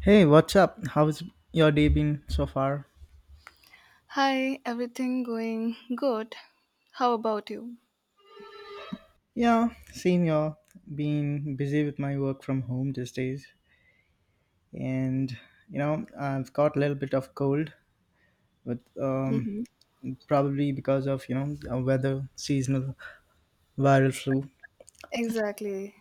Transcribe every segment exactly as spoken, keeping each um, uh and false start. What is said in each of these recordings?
Hey, what's up? How's your day been so far? Hi, everything going good? How about you? Yeah, same y'all. Been busy with my work from home these days, and you know I've got a little bit of cold, but um, hmm probably because of you know uh, weather, seasonal viral flu. Exactly.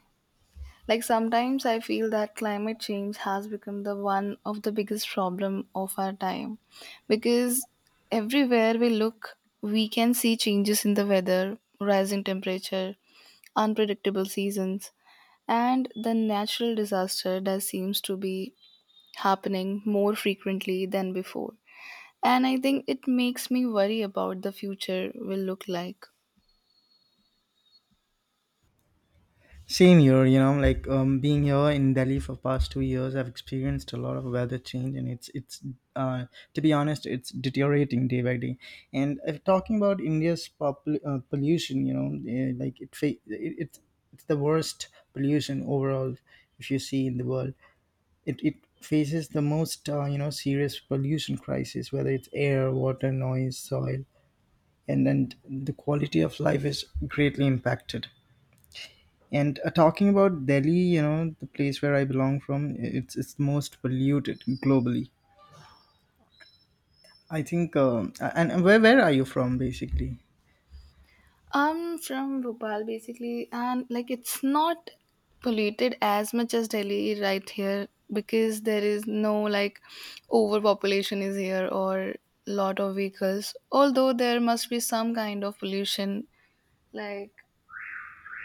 Like sometimes I feel that climate change has become the one of the biggest problem of our time because everywhere we look, we can see changes in the weather, rising temperature, unpredictable seasons, and the natural disaster that seems to be happening more frequently than before. And I think it makes me worry about the future will look like. Same here, you know, like um, being here in Delhi for past two years, I've experienced a lot of weather change, and it's it's uh, to be honest, it's deteriorating day by day. And if talking about India's pop- uh, pollution, you know, eh, like it, fa- it it's it's the worst pollution overall if you see in the world. It it faces the most uh, you know serious pollution crisis, whether it's air, water, noise, soil, and then the quality of life is greatly impacted. And uh, talking about Delhi, you know, the place where I belong from, it's it's the most polluted globally, I think. Um, and and where where are you from, basically? I'm from Bhopal basically, and like it's not polluted as much as Delhi right here because there is no like overpopulation is here or lot of vehicles. Although there must be some kind of pollution, like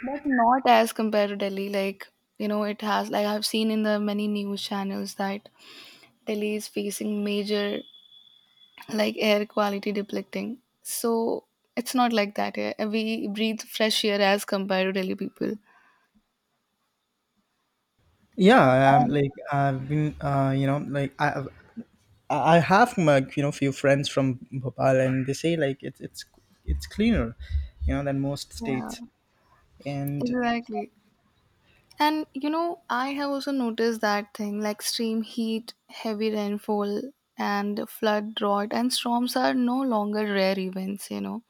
but not as compared to Delhi. Like you know, it has like I've seen in the many news channels that Delhi is facing major like air quality depleting. So it's not like that. eh. We breathe fresh air as compared to Delhi people. Yeah, um, And, like I've been, uh, you know, like I I've- I I have my, you know few friends from Bhopal, and they say like it's it's it's cleaner, you know, than most yeah, states. And exactly. And you know, I have also noticed that thing like extreme heat, heavy rainfall, and flood, drought, and storms are no longer rare events, you know.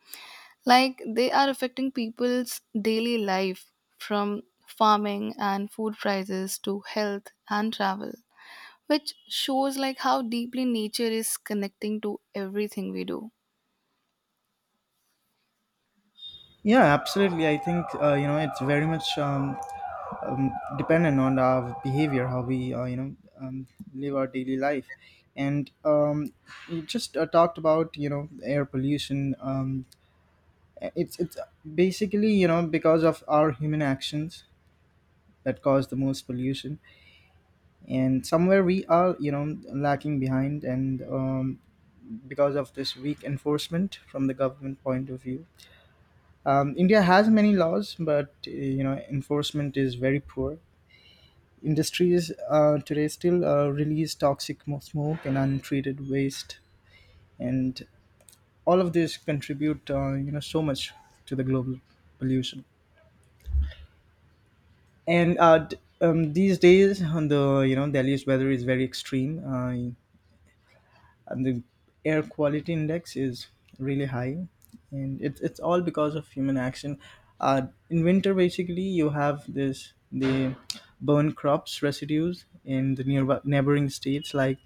Like they are affecting people's daily life from farming and food prices to health and travel, which shows like how deeply nature is connecting to everything we do. yeah, absolutely. I think uh, you know it's very much um, um, dependent on our behavior, how we uh, you know um, live our daily life, and um, you just uh, talked about you know air pollution. Um, it's it's basically you know because of our human actions that cause the most pollution, and somewhere we are you know lacking behind, and um, because of this weak enforcement from the government point of view. Um, India has many laws, but uh, you know enforcement is very poor. Industries uh, today still uh, release toxic mo- smoke and untreated waste, and all of this contribute, uh, you know, so much to the global pollution. And uh, d- um, these days, on the you know Delhi's weather is very extreme, uh, and the air quality index is really high, and it's it's all because of human action. Uh, in winter, basically, you have this the burn crops residues in the nearby neighboring states like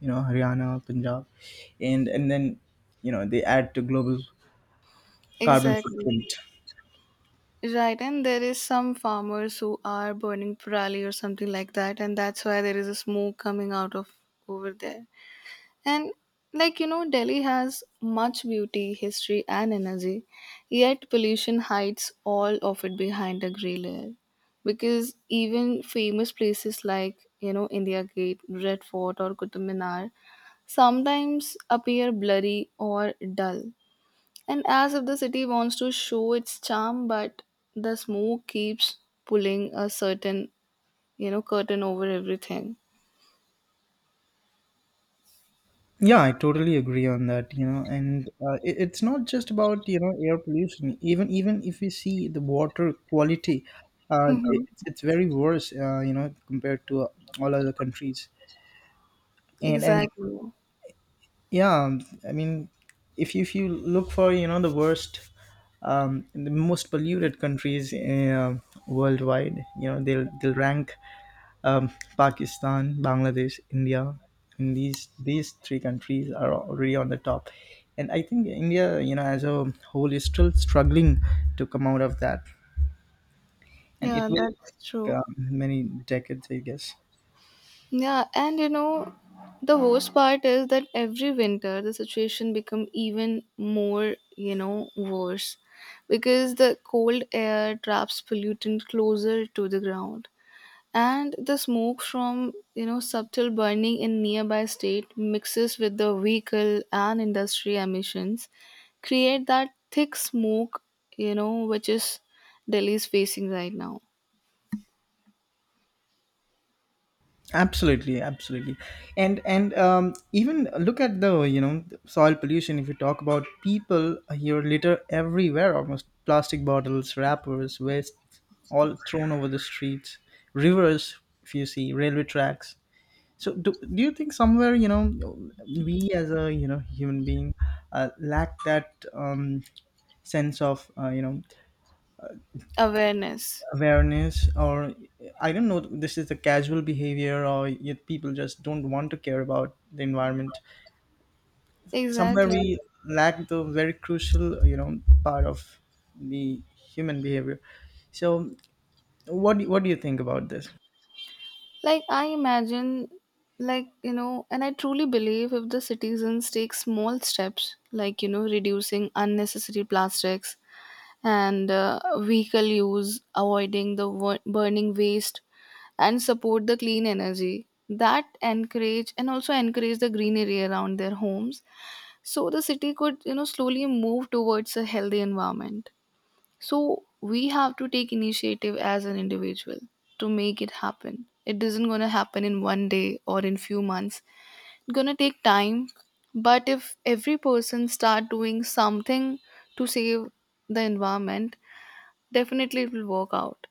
you know Haryana, Punjab, and and then you know they add to global carbon Exactly. footprint. Right, and there is some farmers who are burning parali or something like that, and that's why there is a smoke coming out of over there. And like you know, Delhi has much beauty, history, and energy, yet pollution hides all of it behind a grey layer. Because even famous places like you know India Gate, Red Fort, or Qutub Minar sometimes appear blurry or dull, and as if the city wants to show its charm, but the smoke keeps pulling a certain, you know, curtain over everything. Yeah, I totally agree on that. You know, and uh, it, it's not just about you know air pollution. Even even if we see the water quality, uh, it, Mhm. it's it's very worse. Uh, you know, compared to uh, all other countries. And and Exactly. yeah, um, I mean, if you, if you look for you know the worst, um, the most polluted countries uh, worldwide, you know they'll they'll rank um, Pakistan, Bangladesh, India. And these these three countries are already on the top, and I think India, you know, as a whole, is still struggling to come out of that, and it Yeah, will that's take, true. um, many decades, I guess. Yeah, and you know, the worst part is that every winter the situation become even more, you know, worse because the cold air traps pollutant closer to the ground and the smoke from you know subtle burning in nearby state mixes with the vehicle and industry emissions create that thick smoke you know which is delhi is facing right now. Absolutely, absolutely, and and um, even look at the you know soil pollution. If you talk about people, here litter everywhere, almost plastic bottles, wrappers, waste, all thrown over the streets, rivers. If you see railway tracks. So, do, do you think somewhere you know we as a you know human being uh, lack that um, sense of uh, you know Awareness. awareness? Or I don't know, this is the casual behavior, or yet people just don't want to care about the environment. Somewhere Exactly. we lack the very crucial you know part of the human behavior. So, what do- what do you think about this? Like i imagine, like you know, and I truly believe if the citizens take small steps like you know reducing unnecessary plastics and uh, vehicle use, avoiding the wo- burning waste and support the clean energy that encourage and also encourage the greenery around their homes, so the city could you know slowly move towards a healthy environment. So we have to take initiative as an individual to make it happen. It isn't going to happen in one day or in few months. It's going to take time, but if every person start doing something to save the environment, definitely it will work out.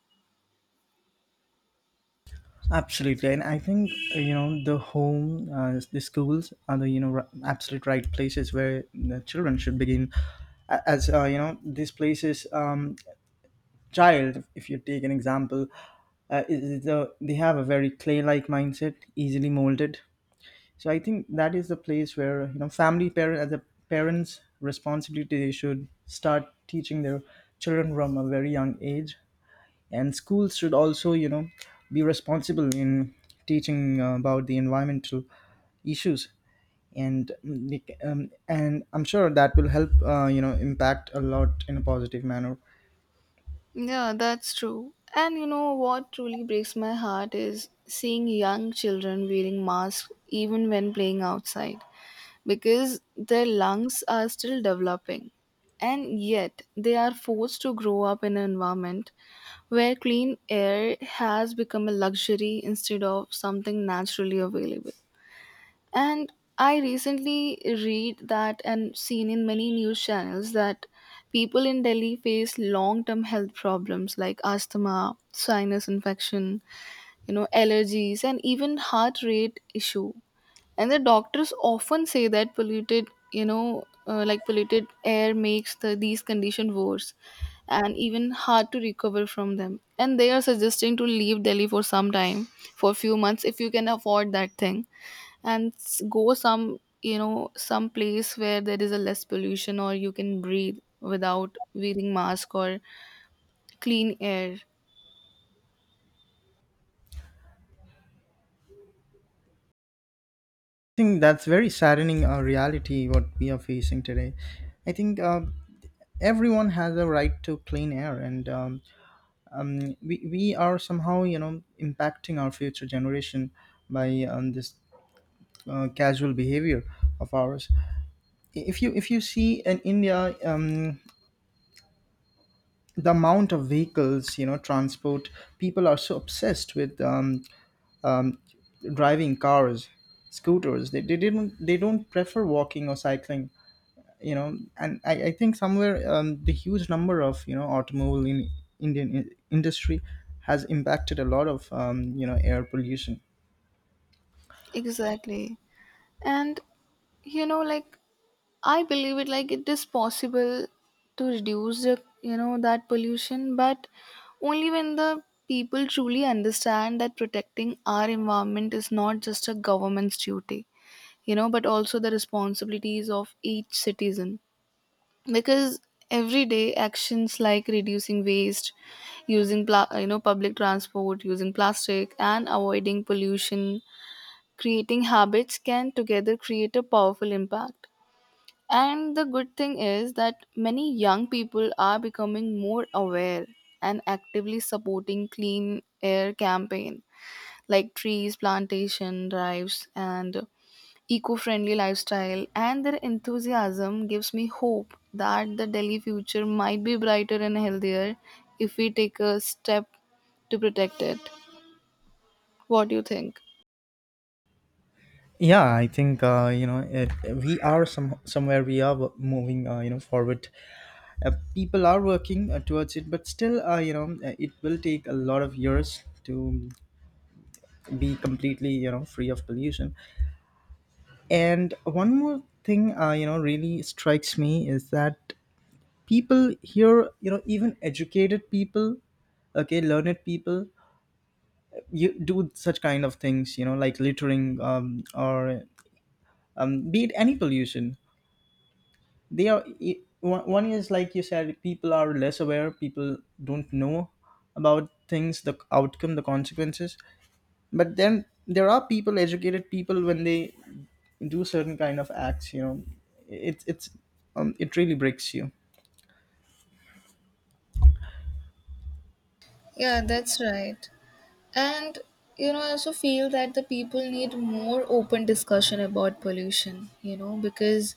Absolutely, and I think uh, you know the home, uh, the schools are the you know r- absolute right places where the children should begin. A- As uh, you know, these places, um, child, if you take an example, uh, is is the, they have a very clay-like mindset, easily molded. So I think that is the place where you know family parent as a parents' responsibility they should start teaching their children from a very young age, and schools should also you know be responsible in teaching uh, about the environmental issues. And mm, like, um, and I'm sure that will help uh, you know impact a lot in a positive manner. I Yeah, that's true. And you know what truly breaks my heart is seeing young children wearing masks even when playing outside because their lungs are still developing. And yet, they are forced to grow up in an environment where clean air has become a luxury instead of something naturally available. And I recently read that and seen in many news channels that people in Delhi face long term health problems like asthma, sinus infection, you know, allergies, and even heart rate issue. And the doctors often say that polluted, you know, uh, like polluted air makes the, these conditions worse and even hard to recover from them. And they are suggesting to leave Delhi for some time, for few months, if you can afford that thing and s- go some you know some place where there is a less pollution or you can breathe without wearing mask or clean air. think that's very saddening uh, reality what we are facing today. I think uh, everyone has a right to clean air, and um, um, we, we are somehow you know impacting our future generation by um, this uh, casual behavior of ours. If you if you see in India, um, the amount of vehicles, you know transport, people are so obsessed with um, um, driving cars, scooters. They, they didn't they don't prefer walking or cycling, you know and i, I think somewhere um, the huge number of you know automobile in Indian in- industry has impacted a lot of um, you know air pollution. Exactly. And you know like I believe it, like it is possible to reduce the you know that pollution, but only when the people truly understand that protecting our environment is not just a government's duty, you know, but also the responsibilities of each citizen. Because everyday actions like reducing waste, using pla- you know public transport, using plastic and avoiding pollution, creating habits can together create a powerful impact. And the good thing is that many young people are becoming more aware and actively supporting clean air campaign, like trees plantation drives and eco friendly lifestyle, and their enthusiasm gives me hope that the Delhi future might be brighter and healthier if we take a step to protect it. What do you think? Yeah, I think uh, you know it, we are, some somewhere we are moving uh, you know forward. Uh, people are working uh, towards it, but still uh, you know uh, it will take a lot of years to be completely you know free of pollution. And one more thing uh, you know really strikes me is that people here, you know even educated people, okay, learned people, you do such kind of things, you know like littering, um, or um, be it any pollution. They are, i- one one is, like you said, people are less aware, people don't know about things, the outcome, the consequences. But then there are people, educated people, when they do certain kind of acts, you know it's it's um, it really breaks you. Yeah, that's right. And you know, I also feel that the people need more open discussion about pollution, you know, because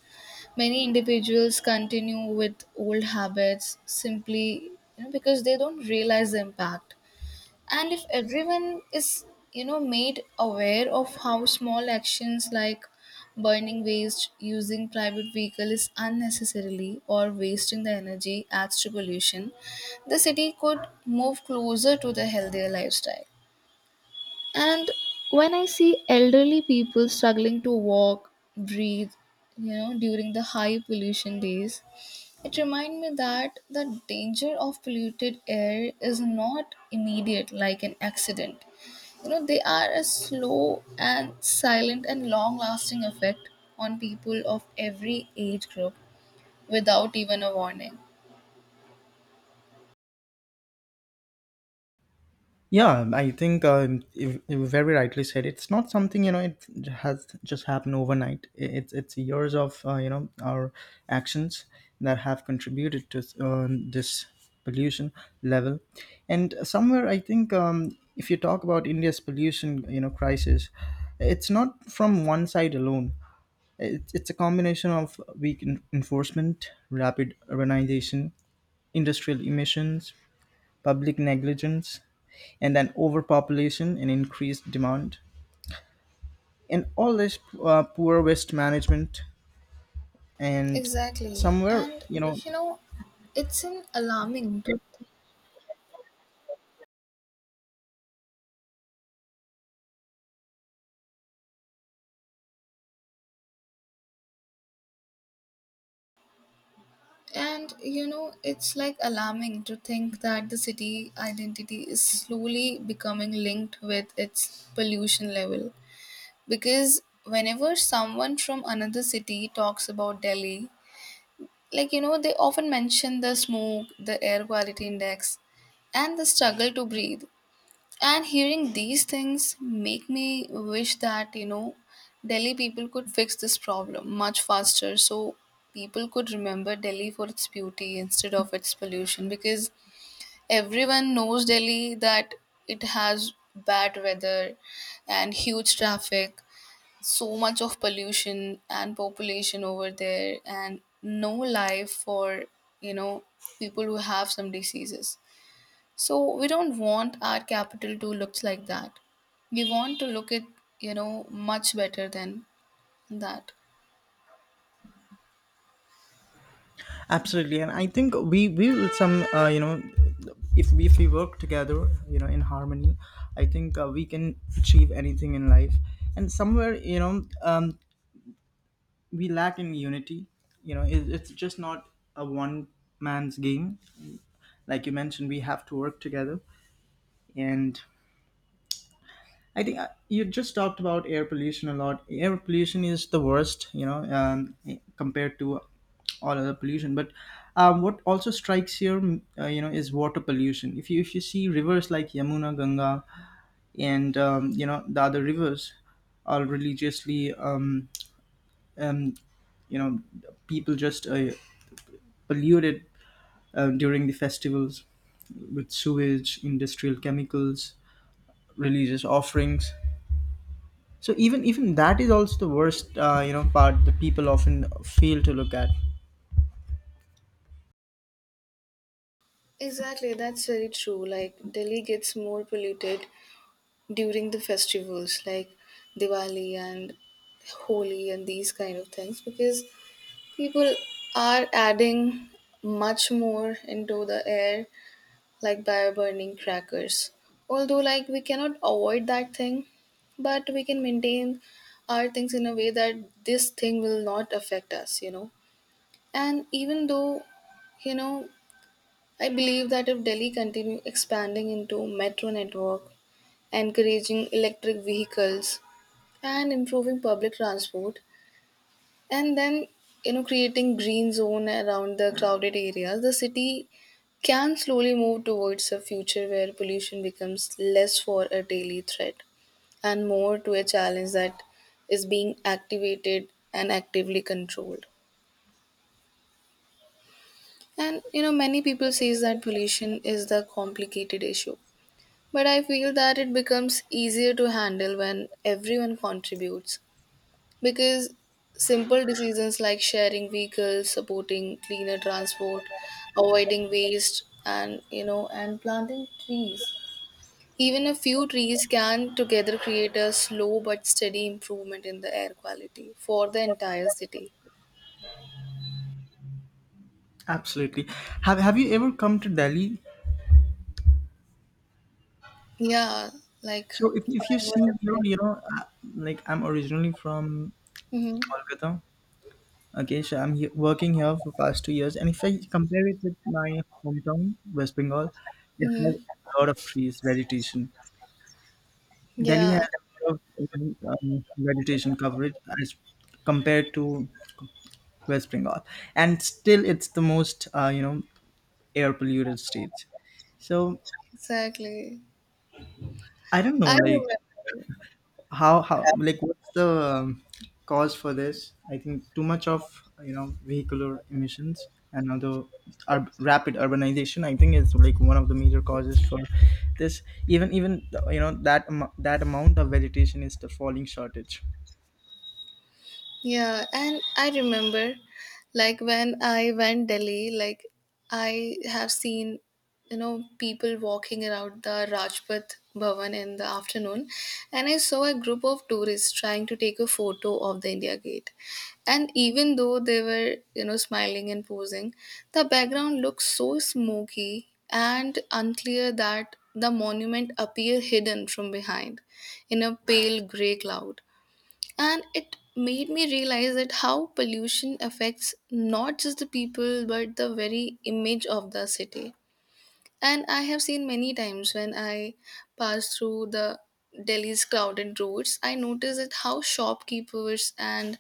many individuals continue with old habits simply, you know, because they don't realize the impact. And if everyone is you know made aware of how small actions like burning waste, using private vehicles unnecessarily or wasting the energy adds to pollution, the city could move closer to the healthier lifestyle. And when I see elderly people struggling to walk breathe, you know, during the high pollution days, it reminds me that the danger of polluted air is not immediate like an accident. You know, they are a slow and silent and long lasting effect on people of every age group without even a warning. Yeah, I think um, you you very rightly said, it's not something you know it has just happened overnight. I- It's it's years of uh, you know our actions that have contributed to um, this pollution level, and somewhere I think um, if you talk about India's pollution, you know crisis, it's not from one side alone. It's it's a combination of weak en- enforcement, rapid urbanization, industrial emissions, public negligence, and an overpopulation and increased demand. And all this uh, poor waste management, and Exactly. somewhere, And you know, you know, it's an alarming to, and you know, it's like alarming to think that the city identity is slowly becoming linked with its pollution level. Because whenever someone from another city talks about Delhi, like you know, they often mention the smoke, the air quality index, and the struggle to breathe. And hearing these things make me wish that you know, Delhi people could fix this problem much faster, so people could remember Delhi for its beauty instead of its pollution, because everyone knows Delhi that it has bad weather and huge traffic, so much of pollution and population over there, and no life for you know people who have some diseases. So we don't want our capital to look like that. We want to look at you know much better than that. absolutely. And I think we we will, some, uh, you know, if we, if we work together, you know, in harmony, I think uh, we can achieve anything in life. And somewhere, you know, um, we lack in unity. You know, it, it's just not a one man's game. Like you mentioned, we have to work together, and I think uh, you just talked about air pollution a lot. Air pollution is the worst, you know, um, eh, compared to all other pollution. But um, what also strikes here, mm, uh, you know, is water pollution. If you if you see rivers like Yamuna, Ganga, and um, you know the other rivers are religiously, um, um, you know, people just uh, polluted uh, during the festivals with sewage, industrial chemicals, religious offerings. So even even that is also the worst, uh, you know, part the people often fail to look at. Exactly, that's very true. Like Delhi gets more polluted during the festivals like Diwali and Holi and these kind of things because people are adding much more into the air, like by burning crackers. Although, like, we cannot avoid that thing, but we can maintain our things in a way that this thing will not affect us, you know. And even though, you know, I believe that if Delhi continue expanding into metro network, encouraging electric vehicles, and improving public transport, and then you know creating green zone around the crowded areas, the city can slowly move towards a future where pollution becomes less for a daily threat and more to a challenge that is being activated and actively controlled. And you know many people says that pollution is the complicated issue, but I feel that it becomes easier to handle when everyone contributes. Because simple decisions like sharing vehicles, supporting cleaner transport, avoiding waste, and you know and planting trees, even a few trees can together create a slow but steady improvement in the air quality for the entire city. Absolutely. Have Have you ever come to Delhi? Yeah. Like. So if if you see here, you know, uh, like I'm originally from Mm-hmm, Kolkata. Okay, so I'm he- working here for past two years, and if I compare it with my hometown, West Bengal, it mm-hmm, has a lot of trees, vegetation. Delhi has yeah, a lot of um, vegetation coverage as compared to West Bengal, and still it's the most uh, you know air polluted states. So exactly. I don't know, I like remember how how like, what's the um, cause for this? I think too much of, you know vehicular emissions and other, ur- rapid urbanization, I think, is like one of the major causes for this. Even even you know that amo- that amount of vegetation is the falling shortage. Yeah, and I remember like when I went Delhi, like I have seen, you know, people walking around the Rajpath Bhavan in the afternoon, and I saw a group of tourists trying to take a photo of the India Gate. And even though they were, you know, smiling and posing, the background looks so smoky and unclear that the monument appear hidden from behind in a pale gray cloud. And it made me realize that how pollution affects not just the people but the very image of the city. And I have seen many times when I pass through the delhi's crowded roads, I noticed that how shopkeepers and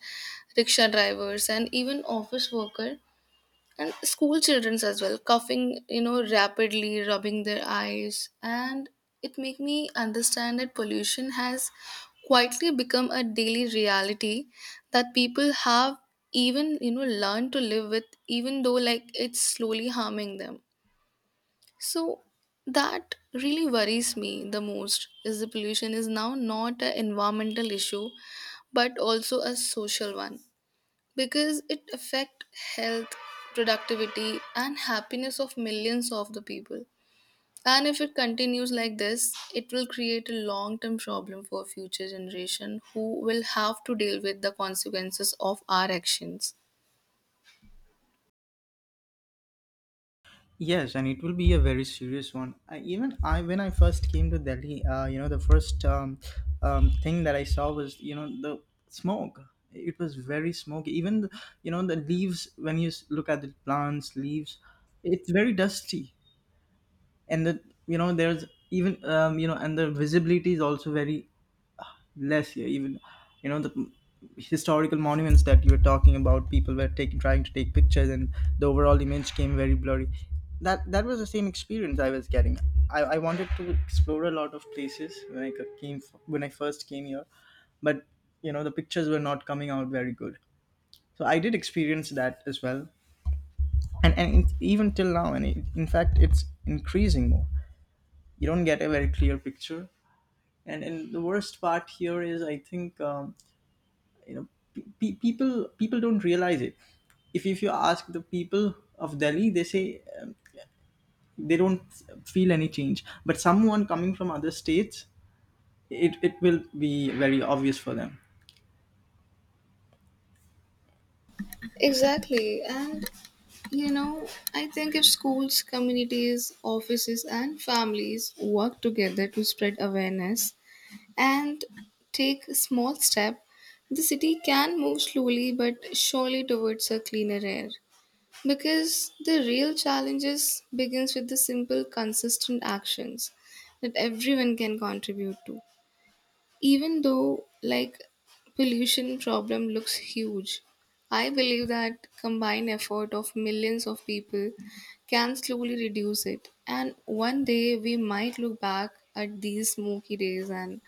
rickshaw drivers and even office worker and school childrens as well coughing, you know, rapidly rubbing their eyes. And it make me understand that pollution has quietly become a daily reality that people have even you know learned to live with, even though like it's slowly harming them. So that really worries me. The most is the pollution is now not an environmental issue but also a social one, because it affect health, productivity and happiness of millions of the people. And if it continues like this, it will create a long term problem for future generation who will have to deal with the consequences of our actions. Yes, and it will be a very serious one. I, even I, when I first came to Delhi, uh, you know, the first um, um, thing that I saw was, you know, the smoke. It was very smoky. Even, the, you know, the leaves. When you s- look at the plants, leaves, it's very dusty, and the you know there's even um, you know and the visibility is also very uh, less here. Even, you know, the historical monuments that you were talking about, people were taking trying to take pictures and the overall image came very blurry. That that was the same experience I was getting. I, I wanted to explore a lot of places when I c- came f- when I first came here, but you know, the pictures were not coming out very good, so I did experience that as well. And and it's even till now, and it, in fact, it's increasing more. You don't get a very clear picture. And and the worst part here is, I think, um, you know pe- pe- people people don't realize it. If, if you ask the people of Delhi, they say, um, they don't feel any change. But someone coming from other states, it, it will be very obvious for them. Exactly. And you know, I think if schools, communities, offices and families work together to spread awareness and take a small step, the city can move slowly but surely towards a cleaner air. Because the real challenges begins with the simple, consistent actions that everyone can contribute to. Even though like pollution problem looks huge, I believe that combined effort of millions of people can slowly reduce it, and one day we might look back at these smoky days and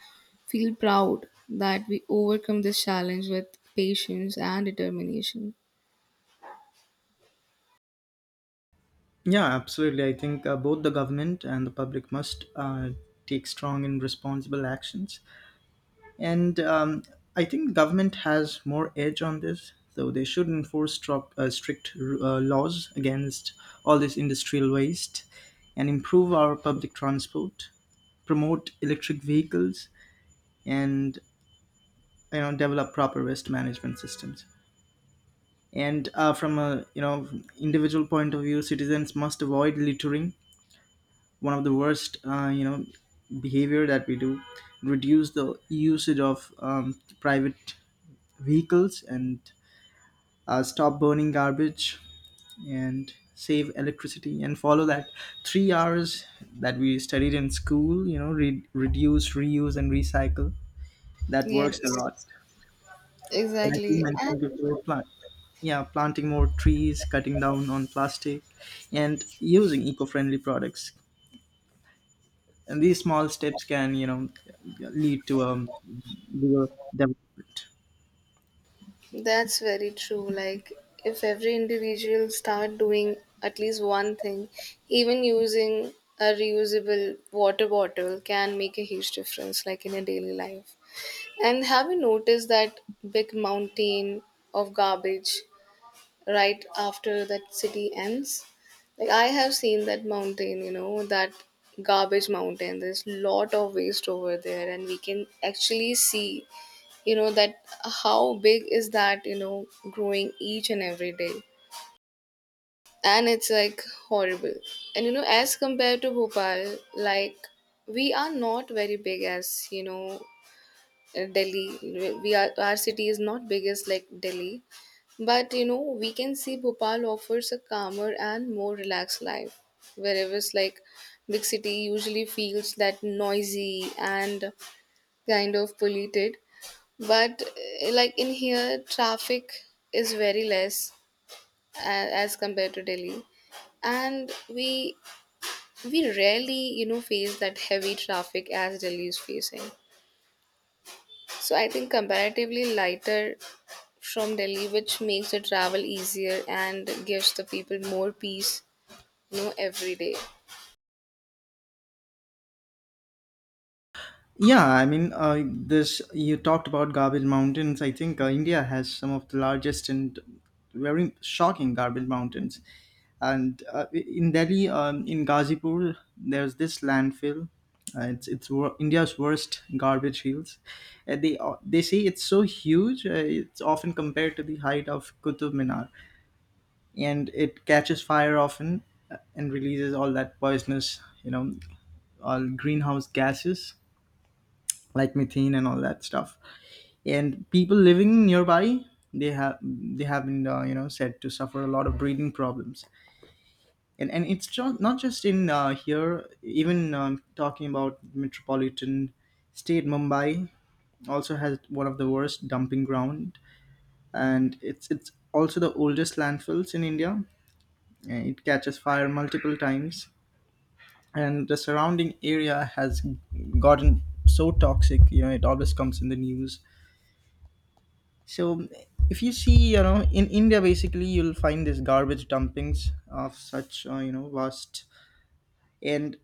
feel proud that we overcome this challenge with patience and determination. Yeah, absolutely. I think uh, both the government and the public must uh, take strong and responsible actions. And um, I think government has more edge on this, so they should enforce strop- uh, strict uh, laws against all this industrial waste, and improve our public transport, promote electric vehicles, and you know, develop proper waste management systems. And uh, from a, you know, individual point of view, citizens must avoid littering, one of the worst, uh, you know behavior that we do. Reduce the usage of um, private vehicles, and uh, stop burning garbage, and save electricity, and follow that three hours that we studied in school, you know, re- reduce, reuse, and recycle. That works a Yes, lot. Like you exactly. And mentioned before, plant, yeah, planting more trees, cutting down on plastic, and using eco-friendly products, and these small steps can, you know, lead to a bigger development. that's very true. Like, if every individual start doing at least one thing, even using a reusable water bottle can make a huge difference, like in a daily life. And have you noticed that big mountain of garbage right after that city ends? Like, I have seen that mountain, you know, that garbage mountain. There's lot of waste over there, and we can actually see you know that how big is that you know growing each and every day, and it's like horrible. And you know as compared to bhopal, like we are not very big as you know uh, delhi. We are, our city is not big as like delhi, but you know we can see bhopal offers a calmer and more relaxed life, whereas like big city usually feels that noisy and kind of polluted. But uh, like in here, traffic is very less as, as compared to Delhi, and we we rarely you know face that heavy traffic as Delhi is facing. So I think comparatively lighter from Delhi, which makes the travel easier and gives the people more peace, you know, every day. Yeah, I mean, uh, this, you talked about garbage mountains. I think uh, India has some of the largest and very shocking garbage mountains. And uh, in Delhi, um, in Gazipur, there's this landfill. Uh, it's it's wor- India's worst garbage fields. Uh, they uh, they say it's so huge. Uh, it's often compared to the height of Qutub Minar, and it catches fire often, uh, and releases all that poisonous, you know, all greenhouse gases like methane and all that stuff. And people living nearby, they have they have been, uh, you know said to suffer a lot of breathing problems. And and it's ju- not just in uh, here. Even, um, talking about metropolitan state, Mumbai also has one of the worst dumping ground, and it's it's also the oldest landfills in India. Uh, It catches fire multiple times, and the surrounding area has gotten so toxic. You know, it always comes in the news. So, if you see, you know, in India, basically, you'll find these garbage dumpings of such, uh, you know, vast, and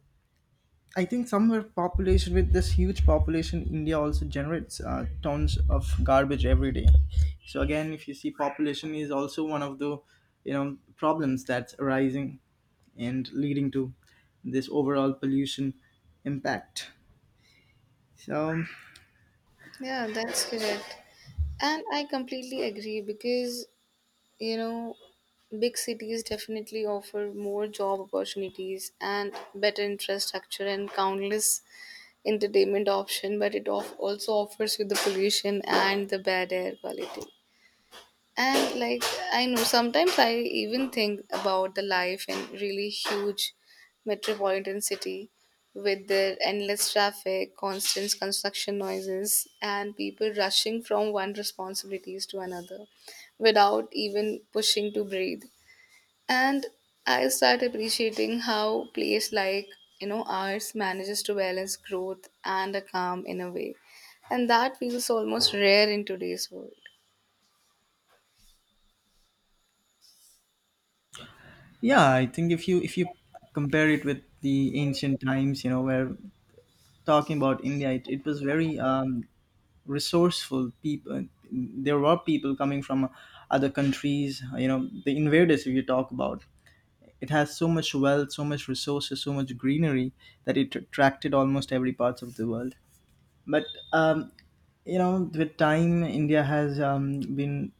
I think somewhere population, with this huge population, India also generates uh, tons of garbage every day. So again, if you see, population is also one of the, you know, problems that's arising and leading to this overall pollution impact. So, Yeah, that's correct. And I completely agree because you know, big cities definitely offer more job opportunities and better infrastructure and countless entertainment option, but it off- also offers you the pollution and the bad air quality. And like I know sometimes I even think about the life in really huge metropolitan city with their endless traffic, constant construction noises and people rushing from one responsibilities to another without even pushing to breathe. And I start appreciating how place like, you know, ours manages to balance growth and a calm in a way. And that feels almost rare in today's world. yeah, I think if you if you compare it with the ancient times, you know, where talking about India, it, it was very um, resourceful people. There were people coming from other countries, you know, the invaders, if you talk about, it has so much wealth, so much resources, so much greenery, that it attracted almost every parts of the world. But um, you know, with time, India has um, been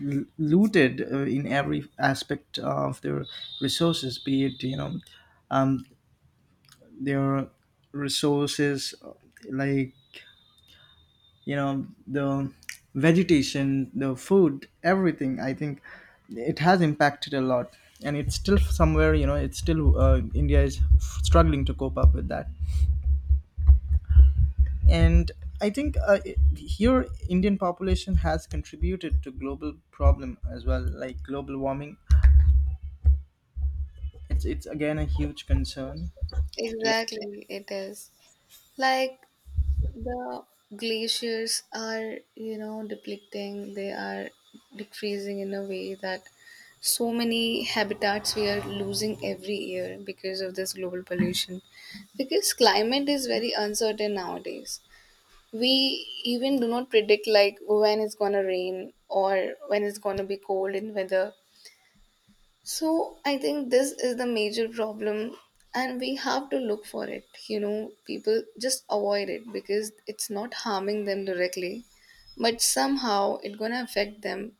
l- looted, uh, in every aspect of their resources, be it, you know, um, their resources uh, like, you know, the vegetation, the food, everything. I think it has impacted a lot, and it's still somewhere, you know, it's still, uh, India is struggling to cope up with that. And I think, uh, it- here Indian population has contributed to global problem as well, like global warming. It's it's again a huge concern to. Exactly, it is. Like the glaciers are, you know, depleting, they are decreasing in a way that so many habitats we are losing every year because of this global pollution. Because climate is very uncertain nowadays. We even do not predict like when it's gonna rain or when it's gonna be cold in weather, so I think this is the major problem and we have to look for it. You know, people just avoid it because it's not harming them directly, but somehow it's gonna affect them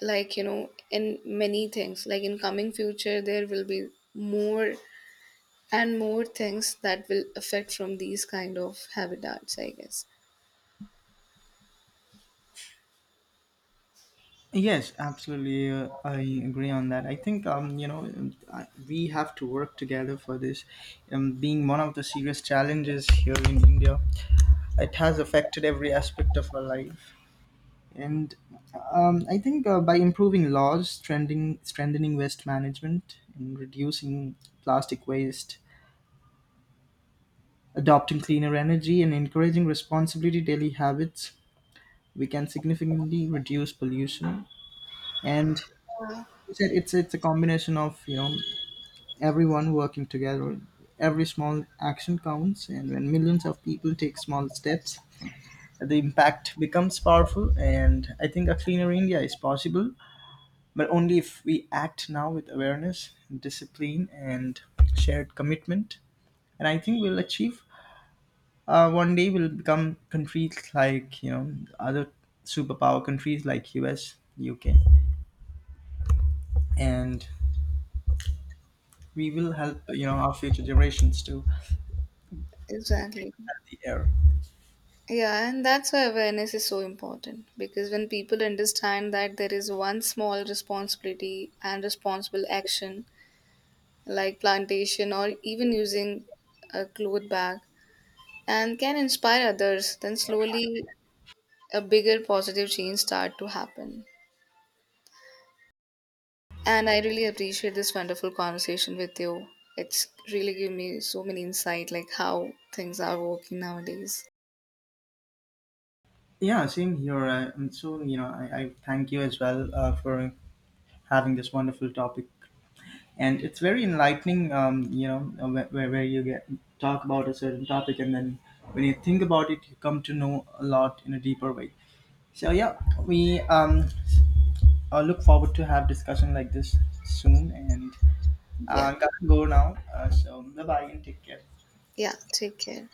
like, you know, in many things. Like in coming future there will be more and more things that will affect from these kind of habitats, I guess. Yes, absolutely. Uh, I agree on that. I think, um, you know um, I- we have to work together for this. Um, being one of the serious challenges here in India, it has affected every aspect of our life. And um, I think uh, by improving laws, strengthening strengthening waste management, and reducing plastic waste, adopting cleaner energy, and encouraging responsibility daily habits, we can significantly reduce pollution. And Yeah, it's a, it's it's a combination of, you know, everyone working together. Every small action counts, and when millions of people take small steps, the impact becomes powerful. And I think a cleaner India is possible, but only if we act now with awareness, discipline, and shared commitment. And I think we'll achieve. Uh, one day we'll become countries like, you know, other superpower countries like U S, U K, and we will help, you know, our future generations too. exactly. The air. Yeah, and that's why awareness is so important because when people understand that there is one small responsibility and responsible action, like plantation or even using a cloth bag, and can inspire others, then slowly a bigger positive change start to happen. And I really appreciate this wonderful conversation with you. It's really given me so many insight, like how things are working nowadays. Yeah, same here. Uh, and so, you know, I, I thank you as well uh, for having this wonderful topic. And it's very enlightening, um, you know, uh, where, where where you get talk about a certain topic, and then when you think about it, you come to know a lot in a deeper way. So, yeah, we um, uh, look forward to have discussion like this soon. And Yeah, uh, gotta go now. Uh, so, bye-bye and take care. yeah, take care.